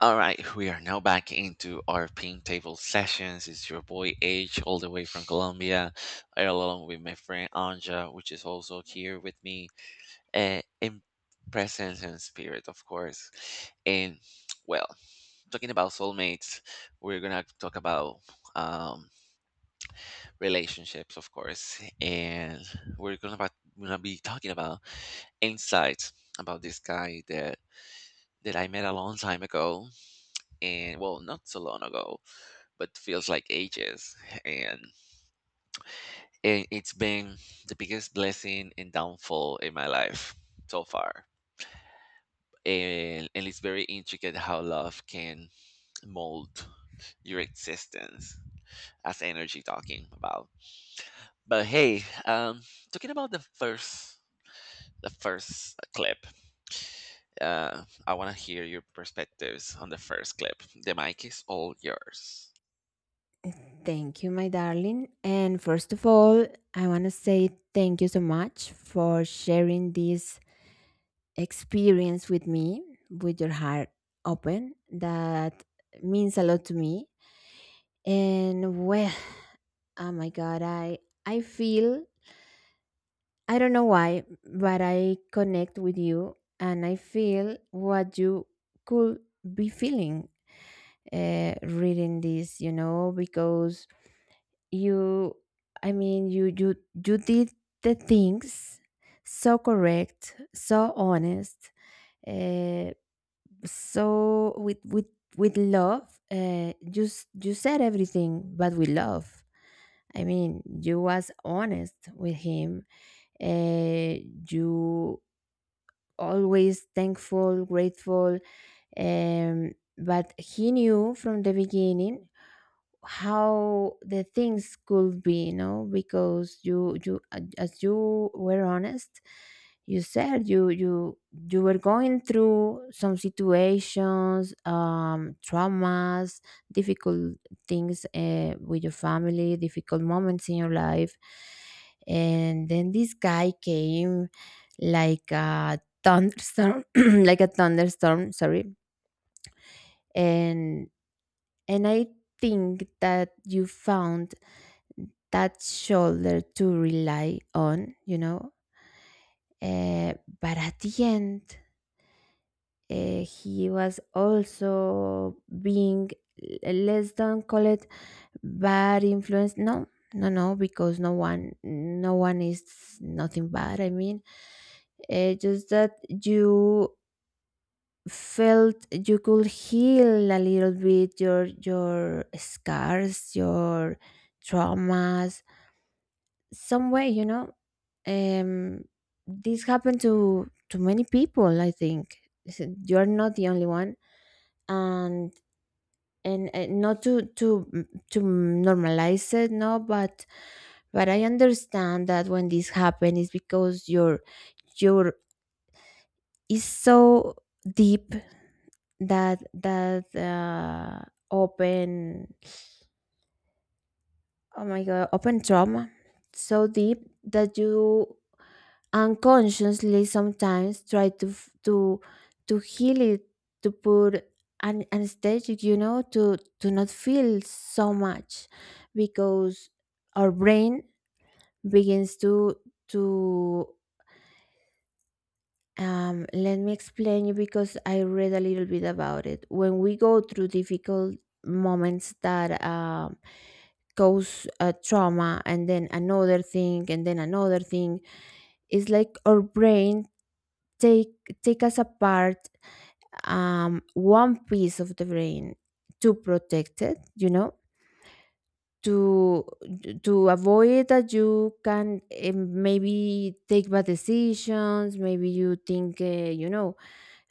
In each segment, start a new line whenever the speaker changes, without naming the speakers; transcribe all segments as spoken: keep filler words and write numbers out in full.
All right, we are now back into our ping table sessions. It's your boy H, all the way from Colombia, along with my friend Anja, which is also here with me, uh, in presence and spirit, of course. And well, talking about soulmates, we're gonna talk about um, relationships, of course, and we're gonna about, gonna be talking about insights about this guy that that I met a long time ago, and well, not so long ago but feels like ages. And it, it's been the biggest blessing and downfall in my life so far. And, and it's very intricate how love can mold your existence as energy talking about. But hey, um, talking about the first the first clip. uh, I want to hear your perspectives on the first clip. The mic is all yours.
Thank you, my darling. And first of all, I want to say thank you so much for sharing this experience with me with your heart open. That means a lot to me. And well, oh my god, I I feel I don't know why, but I connect with you and I feel what you could be feeling uh, reading this, you know, because you i mean you you you did the things so correct, so honest, uh, so with with with love, uh, you s- you said everything but with love. I mean, you was honest with him, uh, you always thankful, grateful, um, but he knew from the beginning how the things could be, you know, because you you as you were honest, you said you you you were going through some situations, um traumas, difficult things, uh, with your family, difficult moments in your life. And then this guy came like a thunderstorm like a thunderstorm, sorry. And and i think that you found that shoulder to rely on, you know. Uh, but at the end, uh, he was also being, l- let's don't call it bad influence. No, no, no, because no one, no one is nothing bad. I mean, uh, just that you felt you could heal a little bit your your scars, your traumas, some way, you know. um this happened to to many people, I think. You're not the only one. And and, and not to to mm, to normalize it, no, but but I understand that when this happens it's because your your is so deep, that that uh open, oh my god, open trauma so deep that you unconsciously sometimes try to f- to to heal it, to put an anesthetic, you know, to to not feel so much, because our brain begins to to um, let me explain you, because I read a little bit about it. When we go through difficult moments that um, cause uh, trauma, and then another thing, and then another thing, it's like our brain take take us apart, um, one piece of the brain, to protect it, you know, to to avoid that you can eh, maybe take bad decisions. Maybe you think, uh, you know,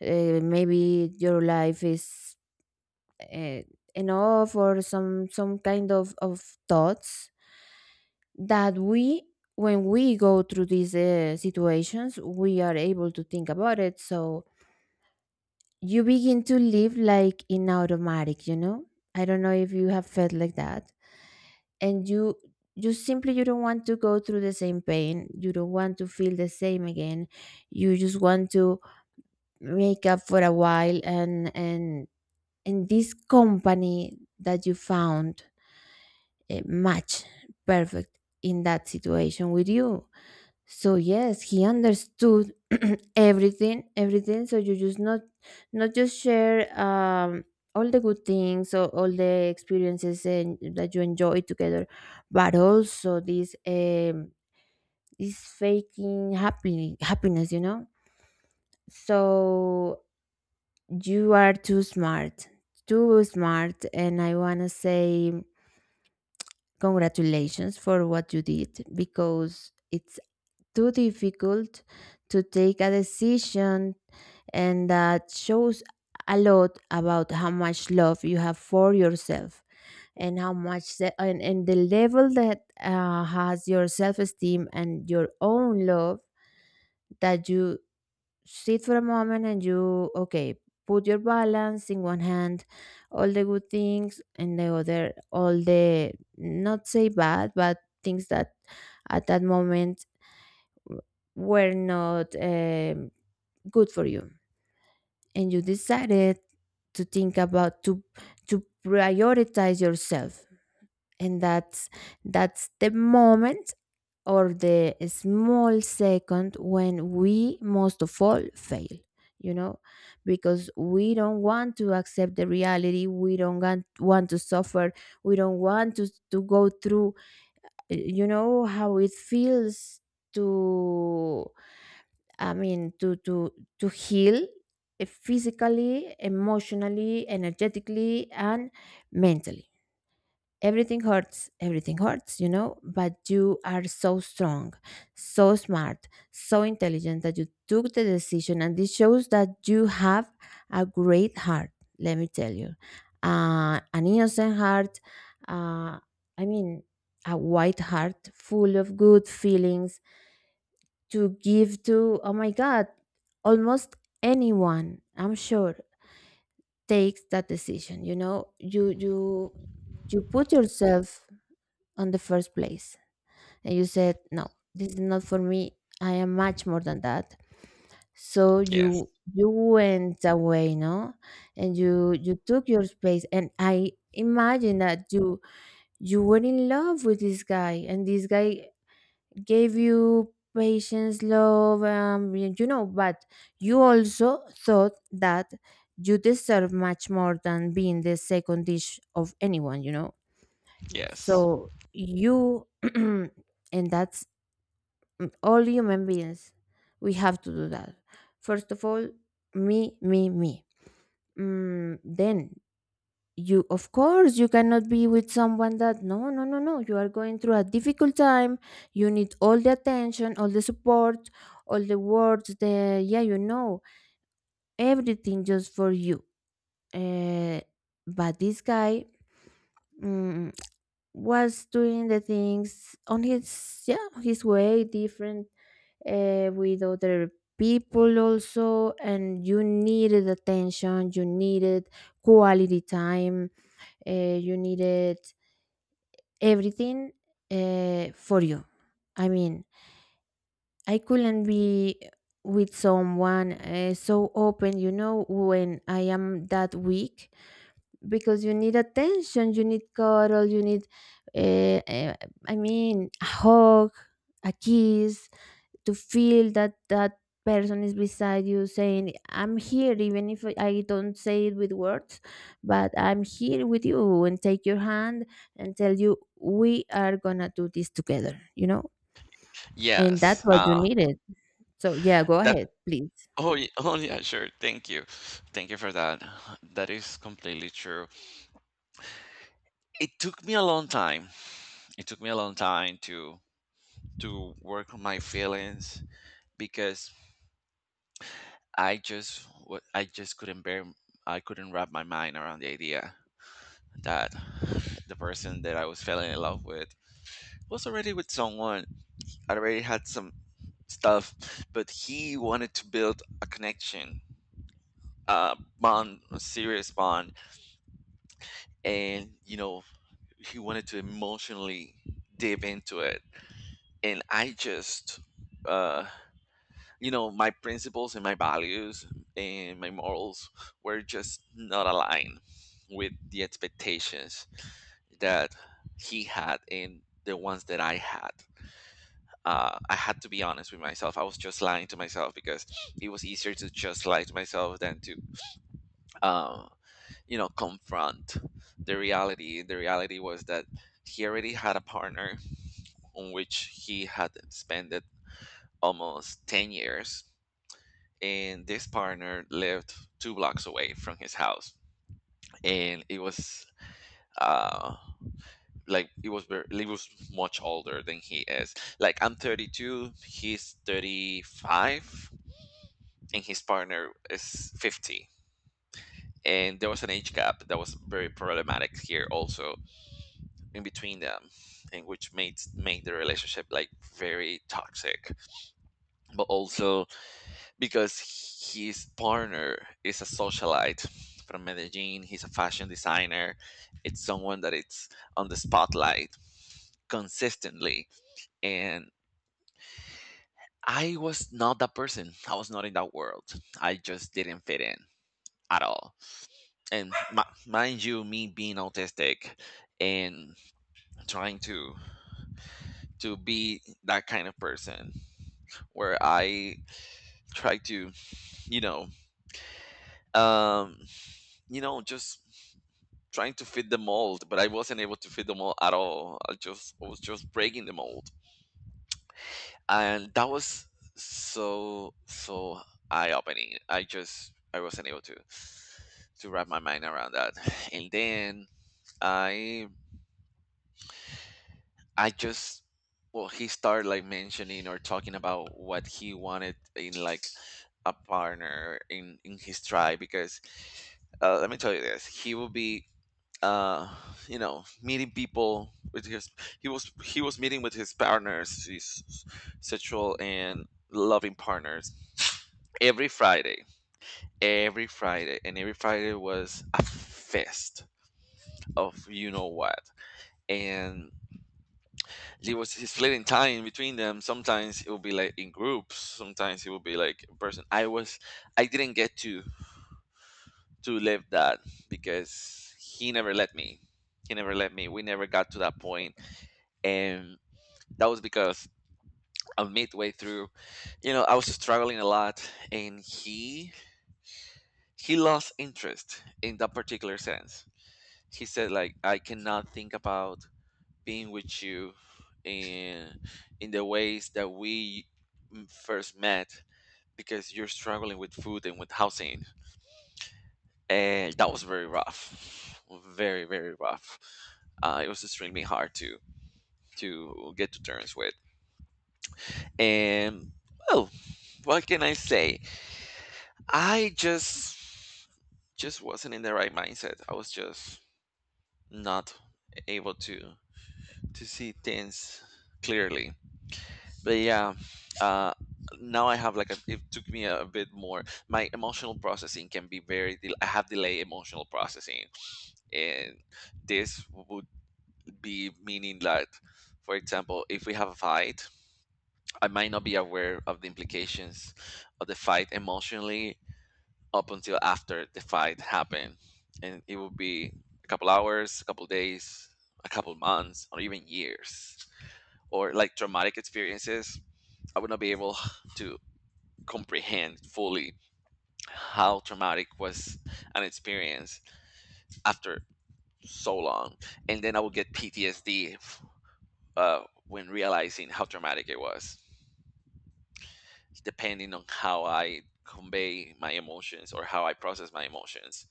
uh, maybe your life is uh, enough, or some some kind of of thoughts, that we when we go through these uh, situations we are able to think about it. So you begin to live like in automatic, you know. I don't know if you have felt like that. And you you simply, you don't want to go through the same pain, you don't want to feel the same again. You just want to make up for a while, and and and this company that you found, eh, match perfect in that situation with you. So yes, he understood everything, everything. So you just not, not just share um all the good things or all the experiences and that you enjoy together, but also this um this faking happy happiness, you know. So you are too smart, too smart, and I wanna say congratulations for what you did, because it's too difficult to take a decision. And that shows a lot about how much love you have for yourself, and how much se- and, and the level that uh, has your self-esteem and your own love, that you sit for a moment and you okay, put your balance in one hand all the good things, and the other all the not say bad but things that at that moment were not um, good for you. And you decided to think about, to to prioritize yourself. And that's that's the moment or the small second when we most of all fail, you know, because we don't want to accept the reality, we don't want, want to suffer, we don't want to, to go through, uh, you know how it feels to I mean, to to to heal, eh, physically, emotionally, energetically, and mentally. Everything hurts, everything hurts, you know, but you are so strong, so smart, so intelligent that you took the decision. And this shows that you have a great heart, let me tell you. Uh, an innocent heart, uh, I mean, a white heart full of good feelings to give to, oh my God, almost anyone, I'm sure, takes that decision. You know, you, you, you put yourself on the first place and you said, no, this is not for me. I am much more than that. So
Yes,
you, you went away, no? And you, you took your space. And I imagine that you, you were in love with this guy, and this guy gave you patience, love, um, y- you know, but you also thought that you deserve much more than being the second dish of anyone, you know.
yes,
So you, and that's mm, all human beings, we have to do that. First of all, me, me, me. Mm, then you, of course, you cannot be with someone that, no no no no, you are going through a difficult time. You need all the attention, all the support, all the words, the yeah, you know, everything just for you. uh, but this guy, mm, was doing the things on his, yeah, his way different, uh, with other people also. And you needed attention, you needed quality time, uh, you needed everything, uh, for you. I mean, I couldn't be with someone uh, so open, you know, when I am that weak, because you need attention, you need cuddle, you need, uh, uh, I mean, a hug, a kiss, to feel that that person is beside you saying, I'm here, even if I don't say it with words, but I'm here with you, and take your hand and tell you, we are gonna do this together, you know. And that's
yes.
what
Uh,
you needed. So yeah, go
that
ahead, please.
Oh, ye- oh yeah, sure. Thank you. Thank you for that. That is completely true. It took me a long time. It took me a long time to to work on my feelings, because I just wa- I just couldn't bear, I couldn't wrap my mind around the idea that the person that I was falling in love with was already with someone. I already had some stuff, but he wanted to build a connection, a bond, a serious bond, and you know he wanted to emotionally dive into it, and I just, uh you know, my principles and my values and my morals were just not aligned with the expectations that he had and the ones that I had. uh, I had to be honest with myself. I was just lying to myself, because it was easier to just lie to myself than to, uh, you know, confront the reality. The reality was that he already had a partner on which he had spent almost ten years. And this partner lived two blocks away from his house. And it was, uh like, it was very, he was much older than he is. Like, I'm thirty-two, he's thirty-five, and his partner is fifty, and there was an age gap that was very problematic here also in between them, and which made made the relationship like very toxic, but also because his partner is a socialite from Medellin. He's a fashion designer. It's someone that it's on the spotlight consistently. And I was not that person. I was not in that world. I just didn't fit in at all. And mi- mind you, me being autistic and trying to to be that kind of person where I try to, you know, um, you know, just trying to fit the mold, but I wasn't able to fit the mold at all. I just I was just breaking the mold, and that was so so eye opening. I just I wasn't able to to wrap my mind around that, and then I I just, well, he started like mentioning or talking about what he wanted in like a partner in in his tribe. Because, uh, let me tell you this, he will be, uh you know, meeting people with his, he was he was meeting with his partners, his sexual and loving partners, every friday every friday. And every Friday was a fest of you know what. And it was his splitting time between them. Sometimes it would be like in groups, sometimes it would be like in person. i was I didn't get to to live that, because he never let me. He never let me we never got to that point, and that was because, uh, midway through, you know, I was struggling a lot, and he he lost interest in that particular sense. He said like, I cannot think about being with you in in the ways that we m- first met, because you're struggling with food and with housing, and that was very rough, very very rough. Uh, it was extremely hard to to get to terms with, and, well, what can I say? I just just wasn't in the right mindset. I was just not able to to see things clearly. But yeah, uh, now I have like a, it took me a bit more. My emotional processing can be very. del- I have delay emotional processing, and this would be meaning that, for example, if we have a fight, I might not be aware of the implications of the fight emotionally up until after the fight happened, and it would be a couple hours, a couple days, a couple months, or even years. Or like traumatic experiences, I would not be able to comprehend fully how traumatic was an experience after so long, and then I would get P T S D, uh, when realizing how traumatic it was, depending on how I convey my emotions or how I process my emotions.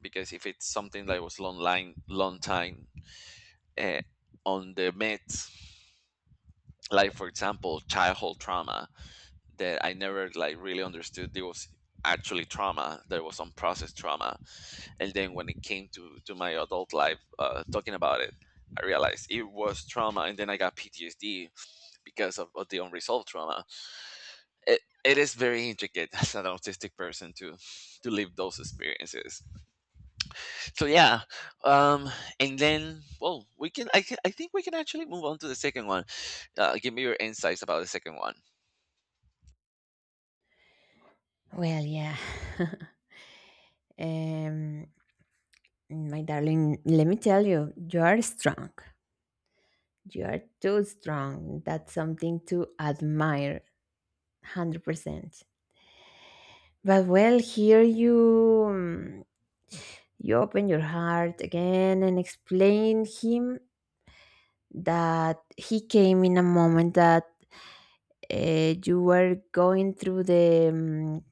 Because if it's something that was long line, long time, uh, on the meds, like, for example, childhood trauma that I never like really understood there was actually trauma, there was unprocessed trauma, and then when it came to to my adult life, uh, talking about it, I realized it was trauma, and then I got P T S D because of, of the unresolved trauma. It, it is very intricate as an autistic person to to live those experiences. So yeah, um and then, well, we can I, can I think we can actually move on to the second one. Uh, give me your insights about the second one.
Well, yeah, um my darling, let me tell you, you are strong, you are too strong. That's something to admire. one hundred percent. But well, here you mm, you open your heart again and explain him that he came in a moment that uh, you were going through the mm,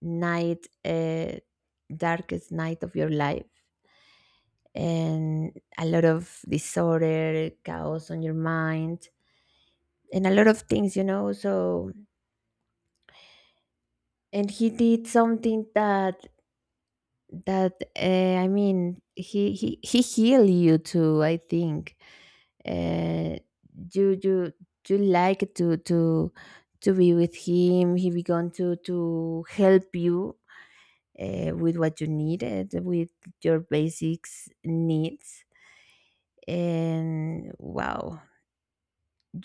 night, uh, darkest night of your life, and a lot of disorder, chaos on your mind, and a lot of things, you know. So, and he did something that that uh, I mean, he he he healed you too, I think. uh, you you you like to to to be with him. He began to to help you uh, with what you needed, with your basics needs. And wow,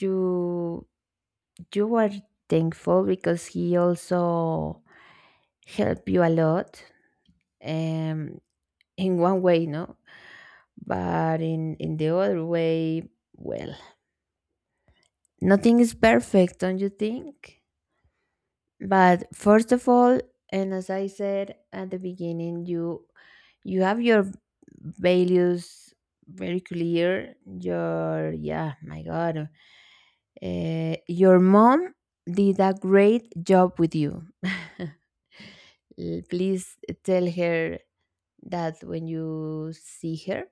you you are thankful because he also helped you a lot. Um, in one way, no? But in, in the other way, well, nothing is perfect, don't you think? But first of all, and as I said at the beginning, you you have your values very clear. Your, yeah, my God, uh, your mom did a great job with you. L- Please tell her that when you see her,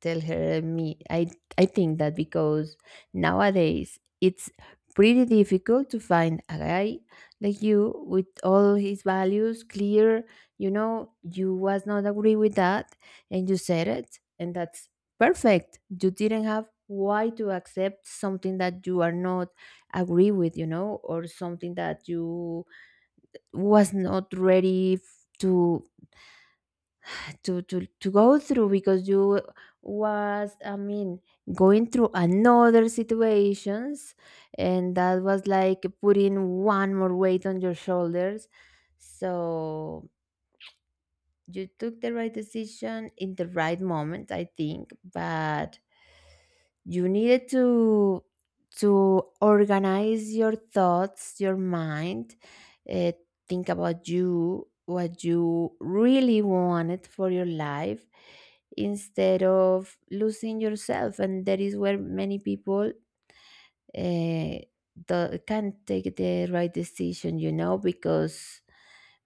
tell her me. I i think that, because nowadays it's pretty difficult to find a guy like you with all his values clear, you know. You was not agree with that, and you said it, and that's perfect. You didn't have why to accept something that you are not agree with, you know, or something that you was not ready f- to to to to go through, because you was, I mean, going through another situations, and that was like putting one more weight on your shoulders. So you took the right decision in the right moment, I think. But you needed to to organize your thoughts, your mind, uh, think about you, what you really wanted for your life, instead of losing yourself. And that is where many people uh, do, can not take the right decision, you know, because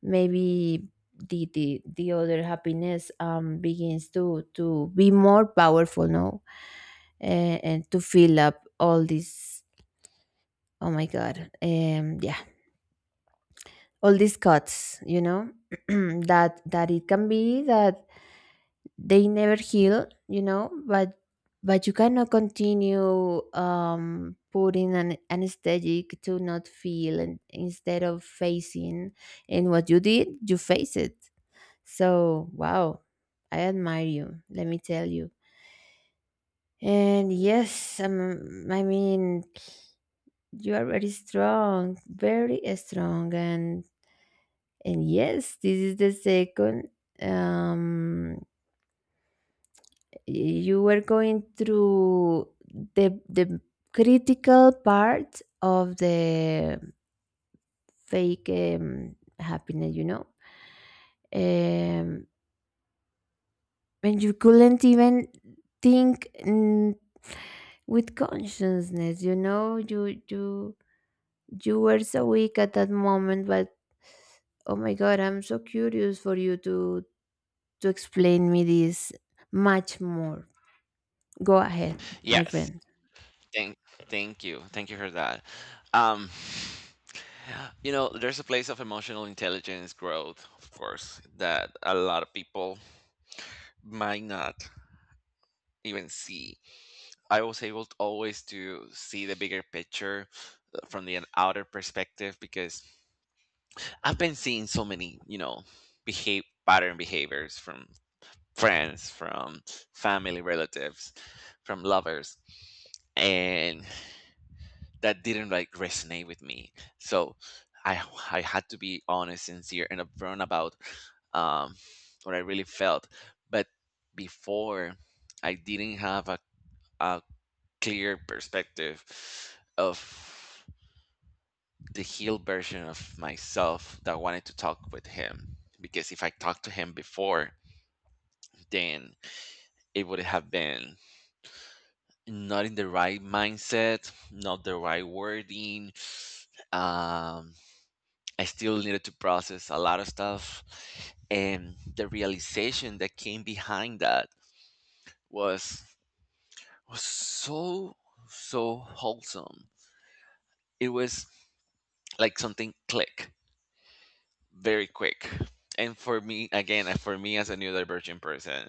maybe the the, the other happiness um begins to to be more powerful, no? Eh, and to fill up all these, oh my god, um yeah, all these cuts, you know, that that it can be that they never heal, you know. but but you cannot continue um putting an anesthetic to not feel, and instead of facing. And what you did, you face it. So wow, I admire you, let me tell you. And yes, um, I mean, you are very strong, very strong. and and yes, this is the second, um you were going through the the critical part of the fake um, happiness, you know, um, and you couldn't even think, mm, with consciousness, you know. You you you were so weak at that moment, but oh my god, I'm so curious for you to to explain me this much more. Go ahead, my
Yes.
friend.
Thank thank you thank you for that. um you know, there's a place of emotional intelligence growth, of course, that a lot of people might not even see. I was able to always to see the bigger picture, uh, from the outer perspective, because I've been seeing so many, you know, behave pattern behaviors from friends, from family, relatives, from lovers, and that didn't like resonate with me. So I I had to be honest, sincere, and upfront about um, what I really felt. But before, I didn't have a, a clear perspective of the heel version of myself that wanted to talk with him. Because if I talked to him before, then it would have been not in the right mindset, not the right wording. Um, I still needed to process a lot of stuff. And the realization that came behind that was was so so wholesome. It was like something click. Very quick. And for me, again, uh, for me as a neurodivergent person,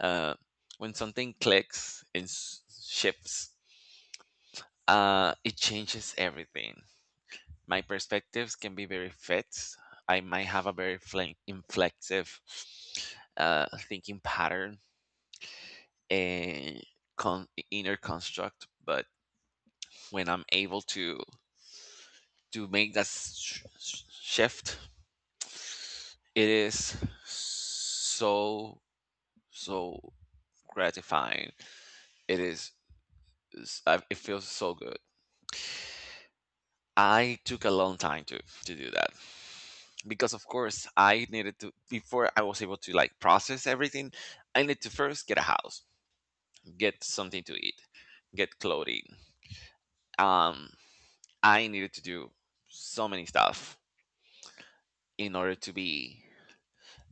uh, when something clicks and s- shifts, uh, it changes everything. My perspectives can be very fixed. I might have a very fle- inflexive uh, thinking pattern and con- inner construct, but when I'm able to to make that sh- sh- shift, it is so so gratifying. It is. is- I- It feels so good. I took a long time to to do that because, of course, I needed to before I was able to like process everything. I need to first get a house, get something to eat, get clothing. Um, I needed to do so many stuff in order to be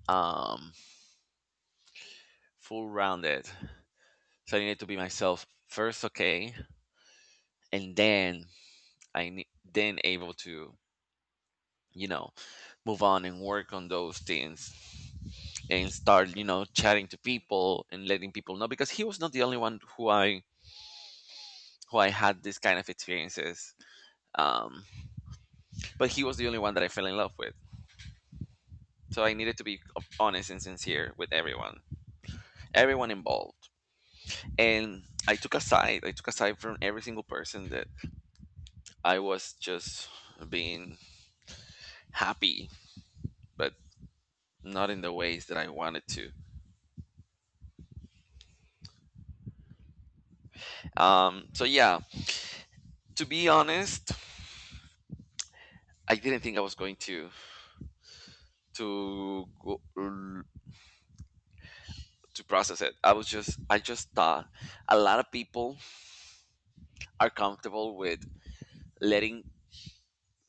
um full rounded. So I needed to be myself first, okay, and then I ne- then able to, you know, move on and work on those things and start, you know, chatting to people and letting people know, because he was not the only one who i who I had this kind of experiences, um, but he was the only one that I fell in love with. So I needed to be honest and sincere with everyone, everyone involved, and i took a side I took a side from every single person that I was just being happy but not in the ways that I wanted to. Um, so yeah, to be honest, I didn't think I was going to to go, to process it. I was just I just thought a lot of people are comfortable with letting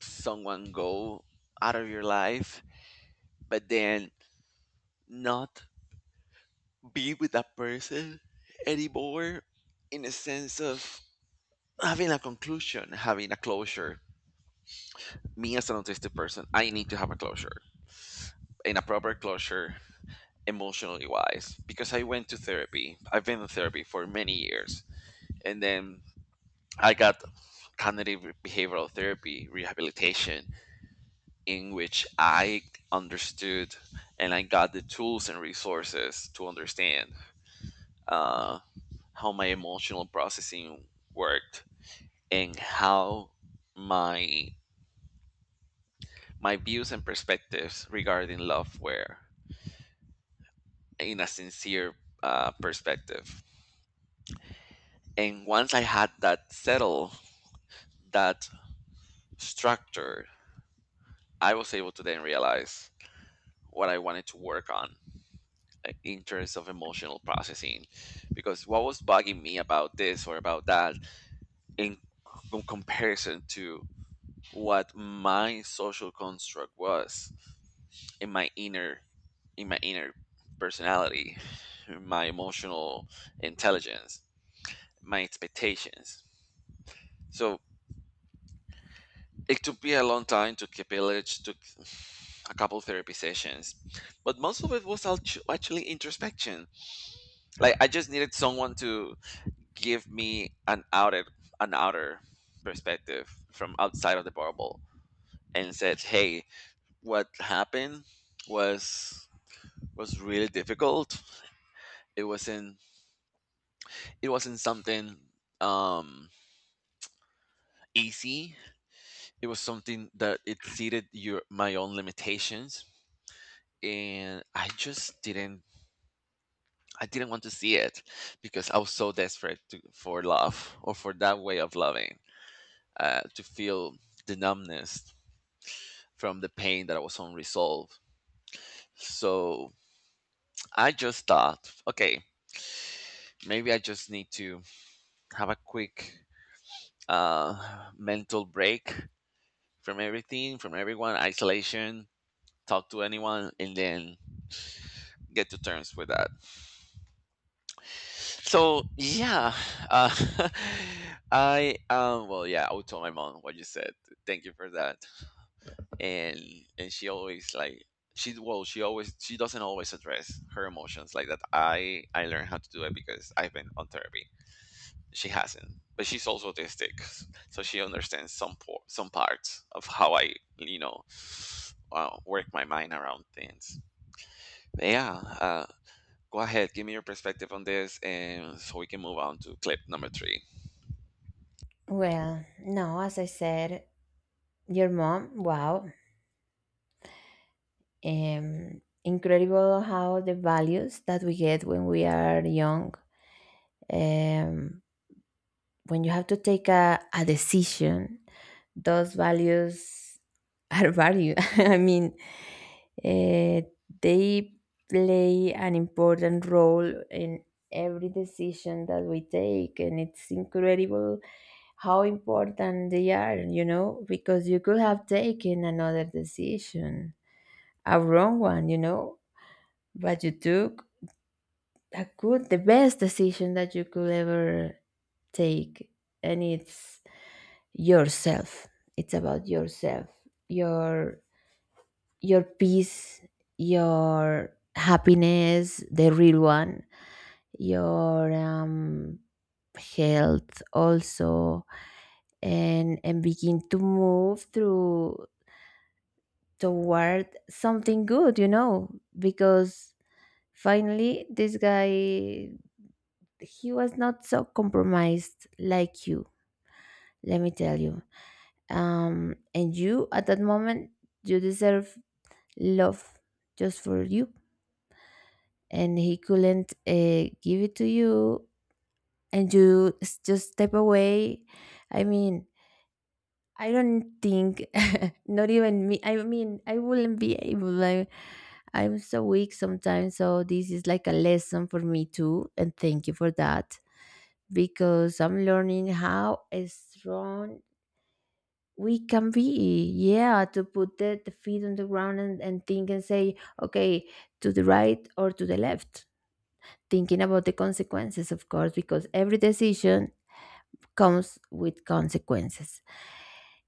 someone go out of your life, but then not be with that person anymore in a sense of having a conclusion, having a closure. Me as an autistic person, I need to have a closure and a proper closure emotionally wise, because I went to therapy. I've been in therapy for many years, and then I got cognitive behavioral therapy rehabilitation in which I understood and I got the tools and resources to understand uh, how my emotional processing worked, and how my my views and perspectives regarding love were in a sincere uh, perspective. And once I had that settle, that structure, I was able to then realize what I wanted to work on, uh, in terms of emotional processing, because what was bugging me about this or about that in com- comparison to what my social construct was, in my inner in my inner personality, my emotional intelligence, my expectations. So it took me a long time to keep it took a couple therapy sessions, but most of it was actu- actually introspection. Like, I just needed someone to give me an outer an outer perspective from outside of the bubble and said, "Hey, what happened was was really difficult. It wasn't it wasn't something um easy. It was something that exceeded your my own limitations, and I just didn't I didn't want to see it because I was so desperate to, for love, or for that way of loving, uh, to feel the numbness from the pain that was unresolved. So I just thought, okay, maybe I just need to have a quick uh, mental break from everything, from everyone, isolation, talk to anyone, and then get to terms with that. So yeah, uh, I um, well, yeah, I would tell my mom what you said. Thank you for that. And and she always, like, she well she always she doesn't always address her emotions like that. I i learned how to do it because I've been on therapy, she hasn't. But she's also autistic, so she understands some por- some parts of how I, you know, uh, work my mind around things. But yeah, uh, go ahead, give me your perspective on this, and so we can move on to clip number three.
Well, no, as I said, your mom, wow. Um, incredible how the values that we get when we are young, um, when you have to take a, a decision, those values are value. I mean, uh, they play an important role in every decision that we take, and it's incredible how important they are, you know, because you could have taken another decision, a wrong one, you know, but you took a good, the best decision that you could ever take. And it's yourself. It's about yourself, your, your peace, your happiness, the real one, your, um, health also and and begin to move through toward something good, you know, because finally, this guy, he was not so compromised like you, let me tell you. Um, and you, at that moment, you deserve love just for you. And he couldn't uh, give it to you, and you s- just step away. I mean, I don't think, not even me, I mean, I wouldn't be able, like, I'm so weak sometimes. So, this is like a lesson for me too. And thank you for that because I'm learning how strong we can be. Yeah, to put the, the feet on the ground and, and think and say, okay, to the right or to the left, thinking about the consequences, of course, because every decision comes with consequences.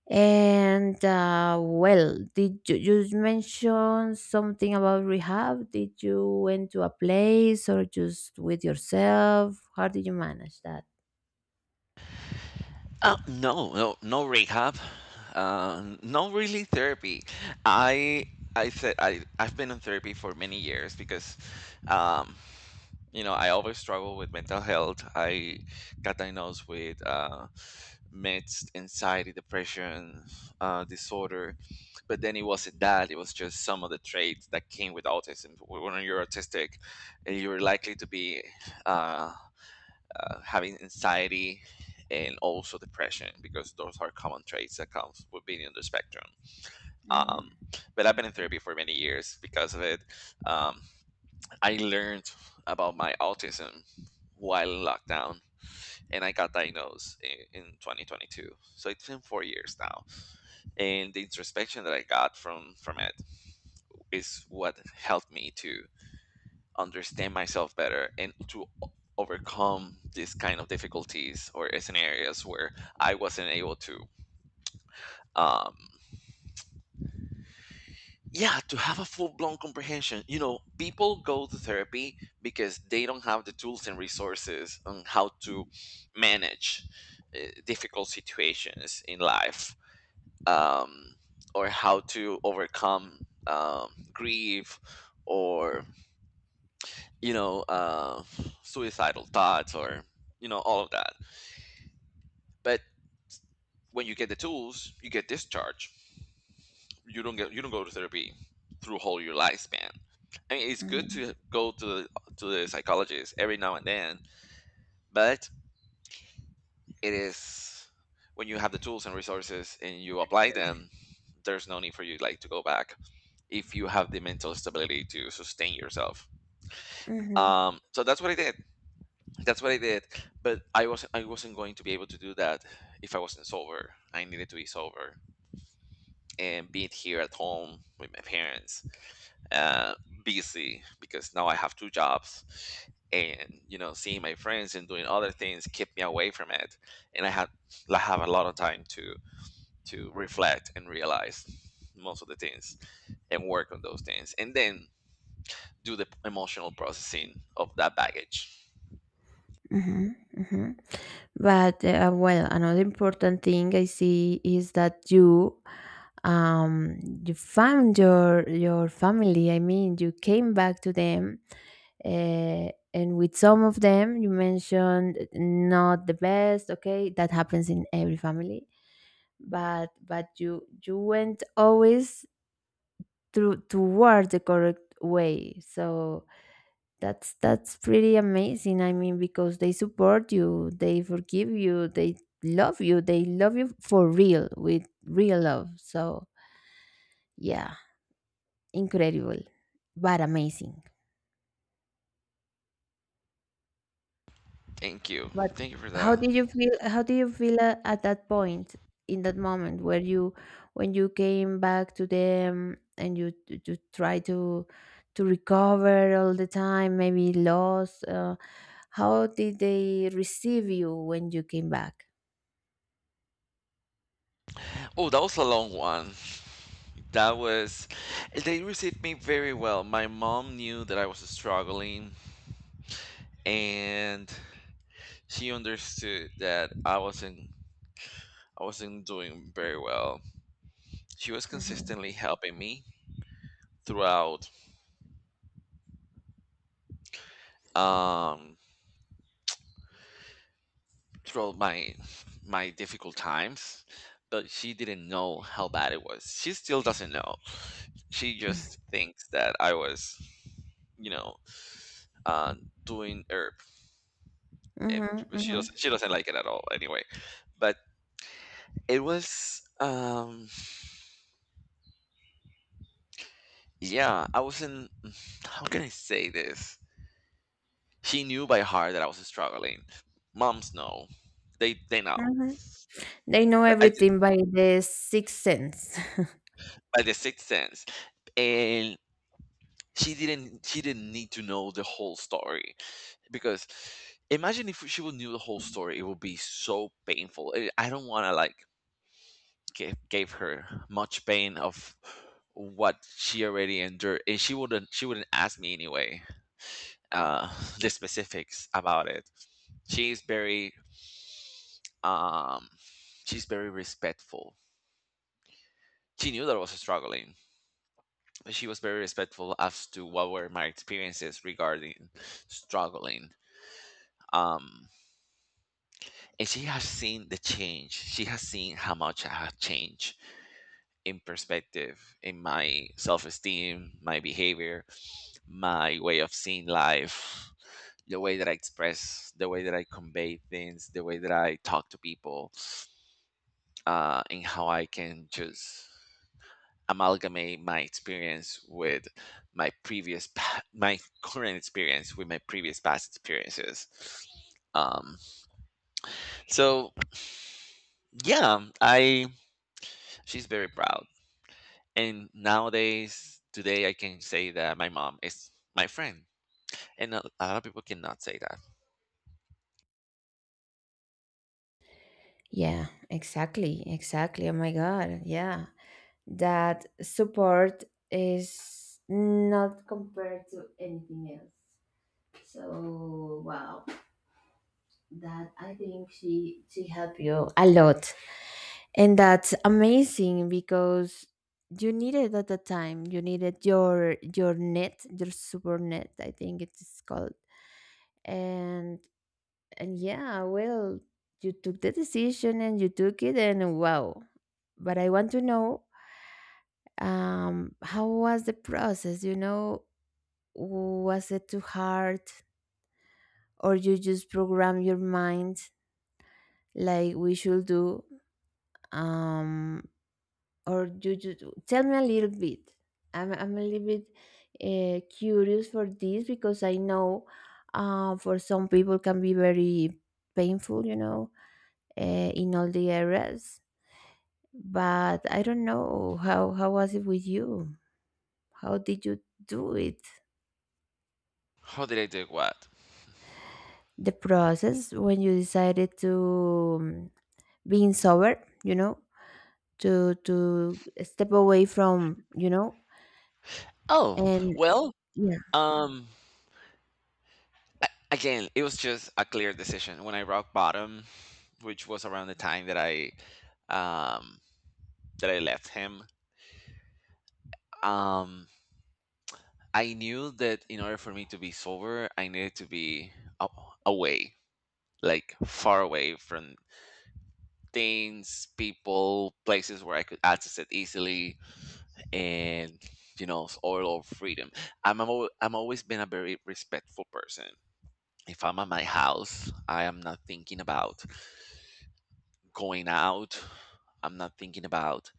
And uh, well, did you, you mention something about rehab? Did you went to a place or just with yourself? How did you manage that?
Uh, no, no, no rehab, uh, no, really therapy. I I said I I've been in therapy for many years because, um, you know, I always struggle with mental health. I got diagnosed with uh, mixed anxiety, depression, uh, disorder, but then it wasn't that. It was just some of the traits that came with autism. When you're autistic, you're likely to be. Uh, uh, Having anxiety and also depression, because those are common traits that comes with being on the spectrum. um, but I've been in therapy for many years because of it. um, I learned about my autism while in lockdown, and I got diagnosed in, in twenty twenty-two, so it's been four years now, and the introspection that I got from from it is what helped me to understand myself better and to o- overcome these kind of difficulties or scenarios where I wasn't able to. Um, yeah, to have a full blown comprehension. You know, people go to therapy because they don't have the tools and resources on how to manage uh, difficult situations in life, um, or how to overcome um, grief, or, you know, uh, suicidal thoughts, or, you know, all of that. But when you get the tools, you get discharged. You don't get you don't go to therapy through whole your lifespan. I mean, it's good
Hmm.
to go to the, to the psychologist every now and then, but it is, when you have the tools and resources and you apply them, there's no need for you, like, to go back if you have the mental stability to sustain yourself. Um, so that's what I did. That's what I did. But I wasn't I wasn't going to be able to do that if I wasn't sober. I needed to be sober. And being here at home with my parents, uh, busy because now I have two jobs, and, you know, seeing my friends and doing other things kept me away from it, and I had I have a lot of time to to reflect and realize most of the things, and work on those things, and then do the emotional processing of that baggage.
Mhm, mhm. But uh, well, another important thing I see is that you um you found your your family. I mean, you came back to them, uh, and with some of them, you mentioned not the best. Okay, that happens in every family, but but you you went always through toward the correct way. So that's that's pretty amazing. I mean, because they support you, they forgive you, they love you, they love you for real with real love. So yeah, incredible, but amazing.
Thank you,
But
thank you for
how
that.
did you feel? How did you feel at, at that point in that moment where you, when you came back to them and you t- to try to to recover all the time, maybe lost. Uh, how did they receive you when you came back?
Oh, that was a long one. That was, they received me very well. My mom knew that I was struggling, and she understood that I wasn't, I wasn't doing very well. She was
Mm-hmm.
consistently helping me throughout, um throughout my my difficult times, but she didn't know how bad it was. She still doesn't know. She
Mhm,
just thinks that I was, you know, uh, doing herb, and but she
mhm,
doesn't she doesn't like it at all anyway. But it was, um yeah, I wasn't, how can I say this, she knew by heart that I was struggling. Moms know. They they know.
mhm. They know
But I did-
everything by the sixth sense.
by the sixth sense. And she didn't she didn't need to know the whole story, because imagine if she would knew the whole story, it would be so painful. i I don't want to, like, give, gave her much pain of what she already endured, and she wouldn't she wouldn't ask me anyway, uh the specifics about it. She's very, um she's very respectful. She knew that I was struggling. She was very respectful as to what were my experiences regarding struggling. Um, and she has seen the change. She has seen how much I have changed in perspective, in my self esteem, my behavior, my way of seeing life, the way that I express, the way that I convey things, the way that I talk to people, uh, and how I can just amalgamate my experience with my previous pa- my current experience with my previous past experiences. um so yeah, I she's very proud, and nowadays, today, I can say that my mom is my friend, and a a lot of people cannot say that.
Yeah, exactly, exactly. Oh my God, yeah. That support is not compared to anything else. So wow, that I think she she helped you a lot, and that's amazing because you needed at the time. You needed your your net, your super net, I think it's called, and and yeah, well, you took the decision and you took it, and wow. But I want to know um, how was the process? You know, was it too hard, or you just program your mind like we should do? Um, or you just tell me a little bit. I'm I'm a little bit uh, curious for this because I know uh, for some people can be very painful. You know, uh, in all the areas but I don't know how how was it with you? How did you do it?
How did I do what?
The process when you decided to um, being sober, you know, to to step away from, you know,
Oh,
and
well,
yeah.
um again, it was just a clear decision when I rock bottom, which was around the time that I, um, that I left him. Um, I knew that in order for me to be sober, I needed to be a- away, like far away from things, people, places where I could access it easily, and, you know, all of freedom. I'm i I'm always been a very respectful person. If I'm at my house, I am not thinking about going out. I'm not thinking about,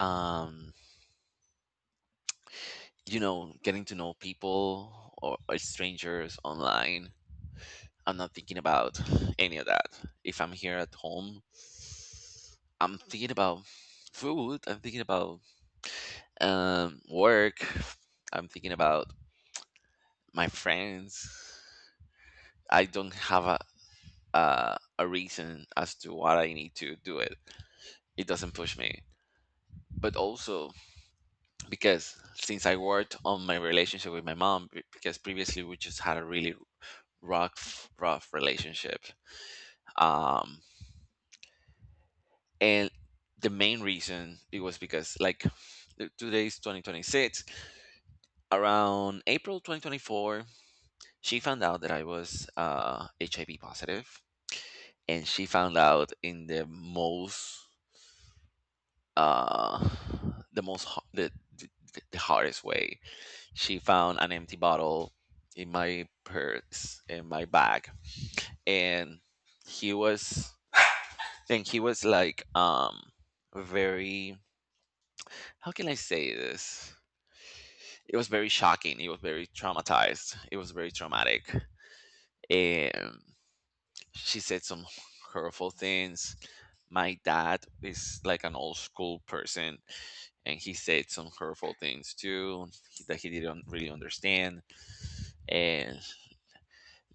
um, you know, getting to know people, or, or strangers online. I'm not thinking about any of that. If I'm here at home, I'm thinking about food. I'm thinking about um, work. I'm thinking about my friends. I don't have a, a a reason as to what I need to do it. It doesn't push me. But also, because since I worked on my relationship with my mom, be- because previously we just had a really rough, rough relationship. Um, and the main reason it was because, like, th- today's twenty twenty-six, around April two thousand twenty-four, she found out that I was uh, H I V positive, and she found out in the most uh, the most ho- the, the the hardest way. She found an empty bottle in my purse, in my bag, and he was and he was like, um very, how can I say this, it was very shocking, it was very traumatized, it was very traumatic. And she said some hurtful things. My dad is like an old school person, and he said some hurtful things too, he- that he didn't really understand. And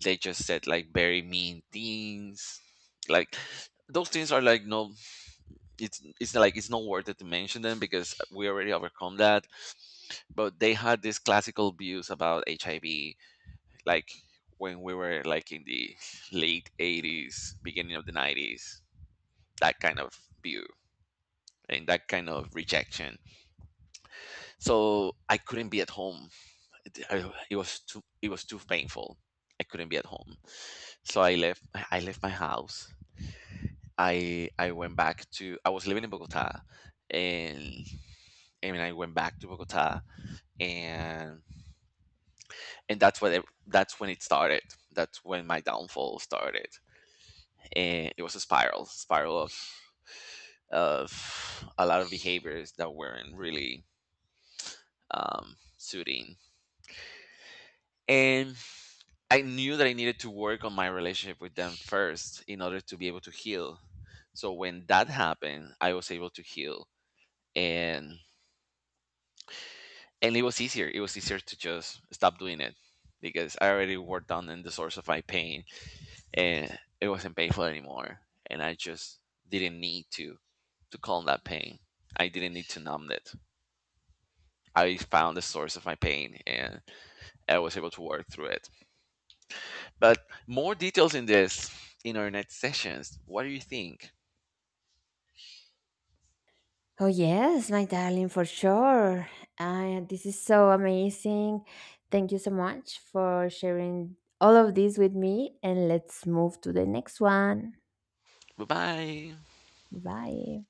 they just said, like, very mean things, like, those things are, like, no, it's, it's, like, it's not worth it to mention them because we already overcome that. But they had these classical views about HIV, like, when we were, like, in the late eighties, beginning of the nineties, that kind of view and that kind of rejection. So I couldn't be at home. I- it was too, it was too painful, I couldn't be at home. So I left, I left my house. I I went back to, I was living in Bogota, and I mean, I went back to Bogota, and and that's what it, that's when it started. That's when my downfall started. And it was a spiral, spiral of of a lot of behaviors that weren't really um, suiting. And I knew that I needed to work on my relationship with them first in order to be able to heal. So when that happened, I was able to heal. And and it was easier, it was easier to just stop doing it, because I already worked down in the source of my pain, and it wasn't painful anymore, and I just didn't need to to calm that pain, I didn't need to numb it. I found the source of my pain and I was able to work through it. But more details in this, in our next sessions. What do you think?
Oh yes, my darling, for sure. Uh, this is so amazing. Thank you so much for sharing all of this with me, and let's move to the next one.
Bye bye.
Bye.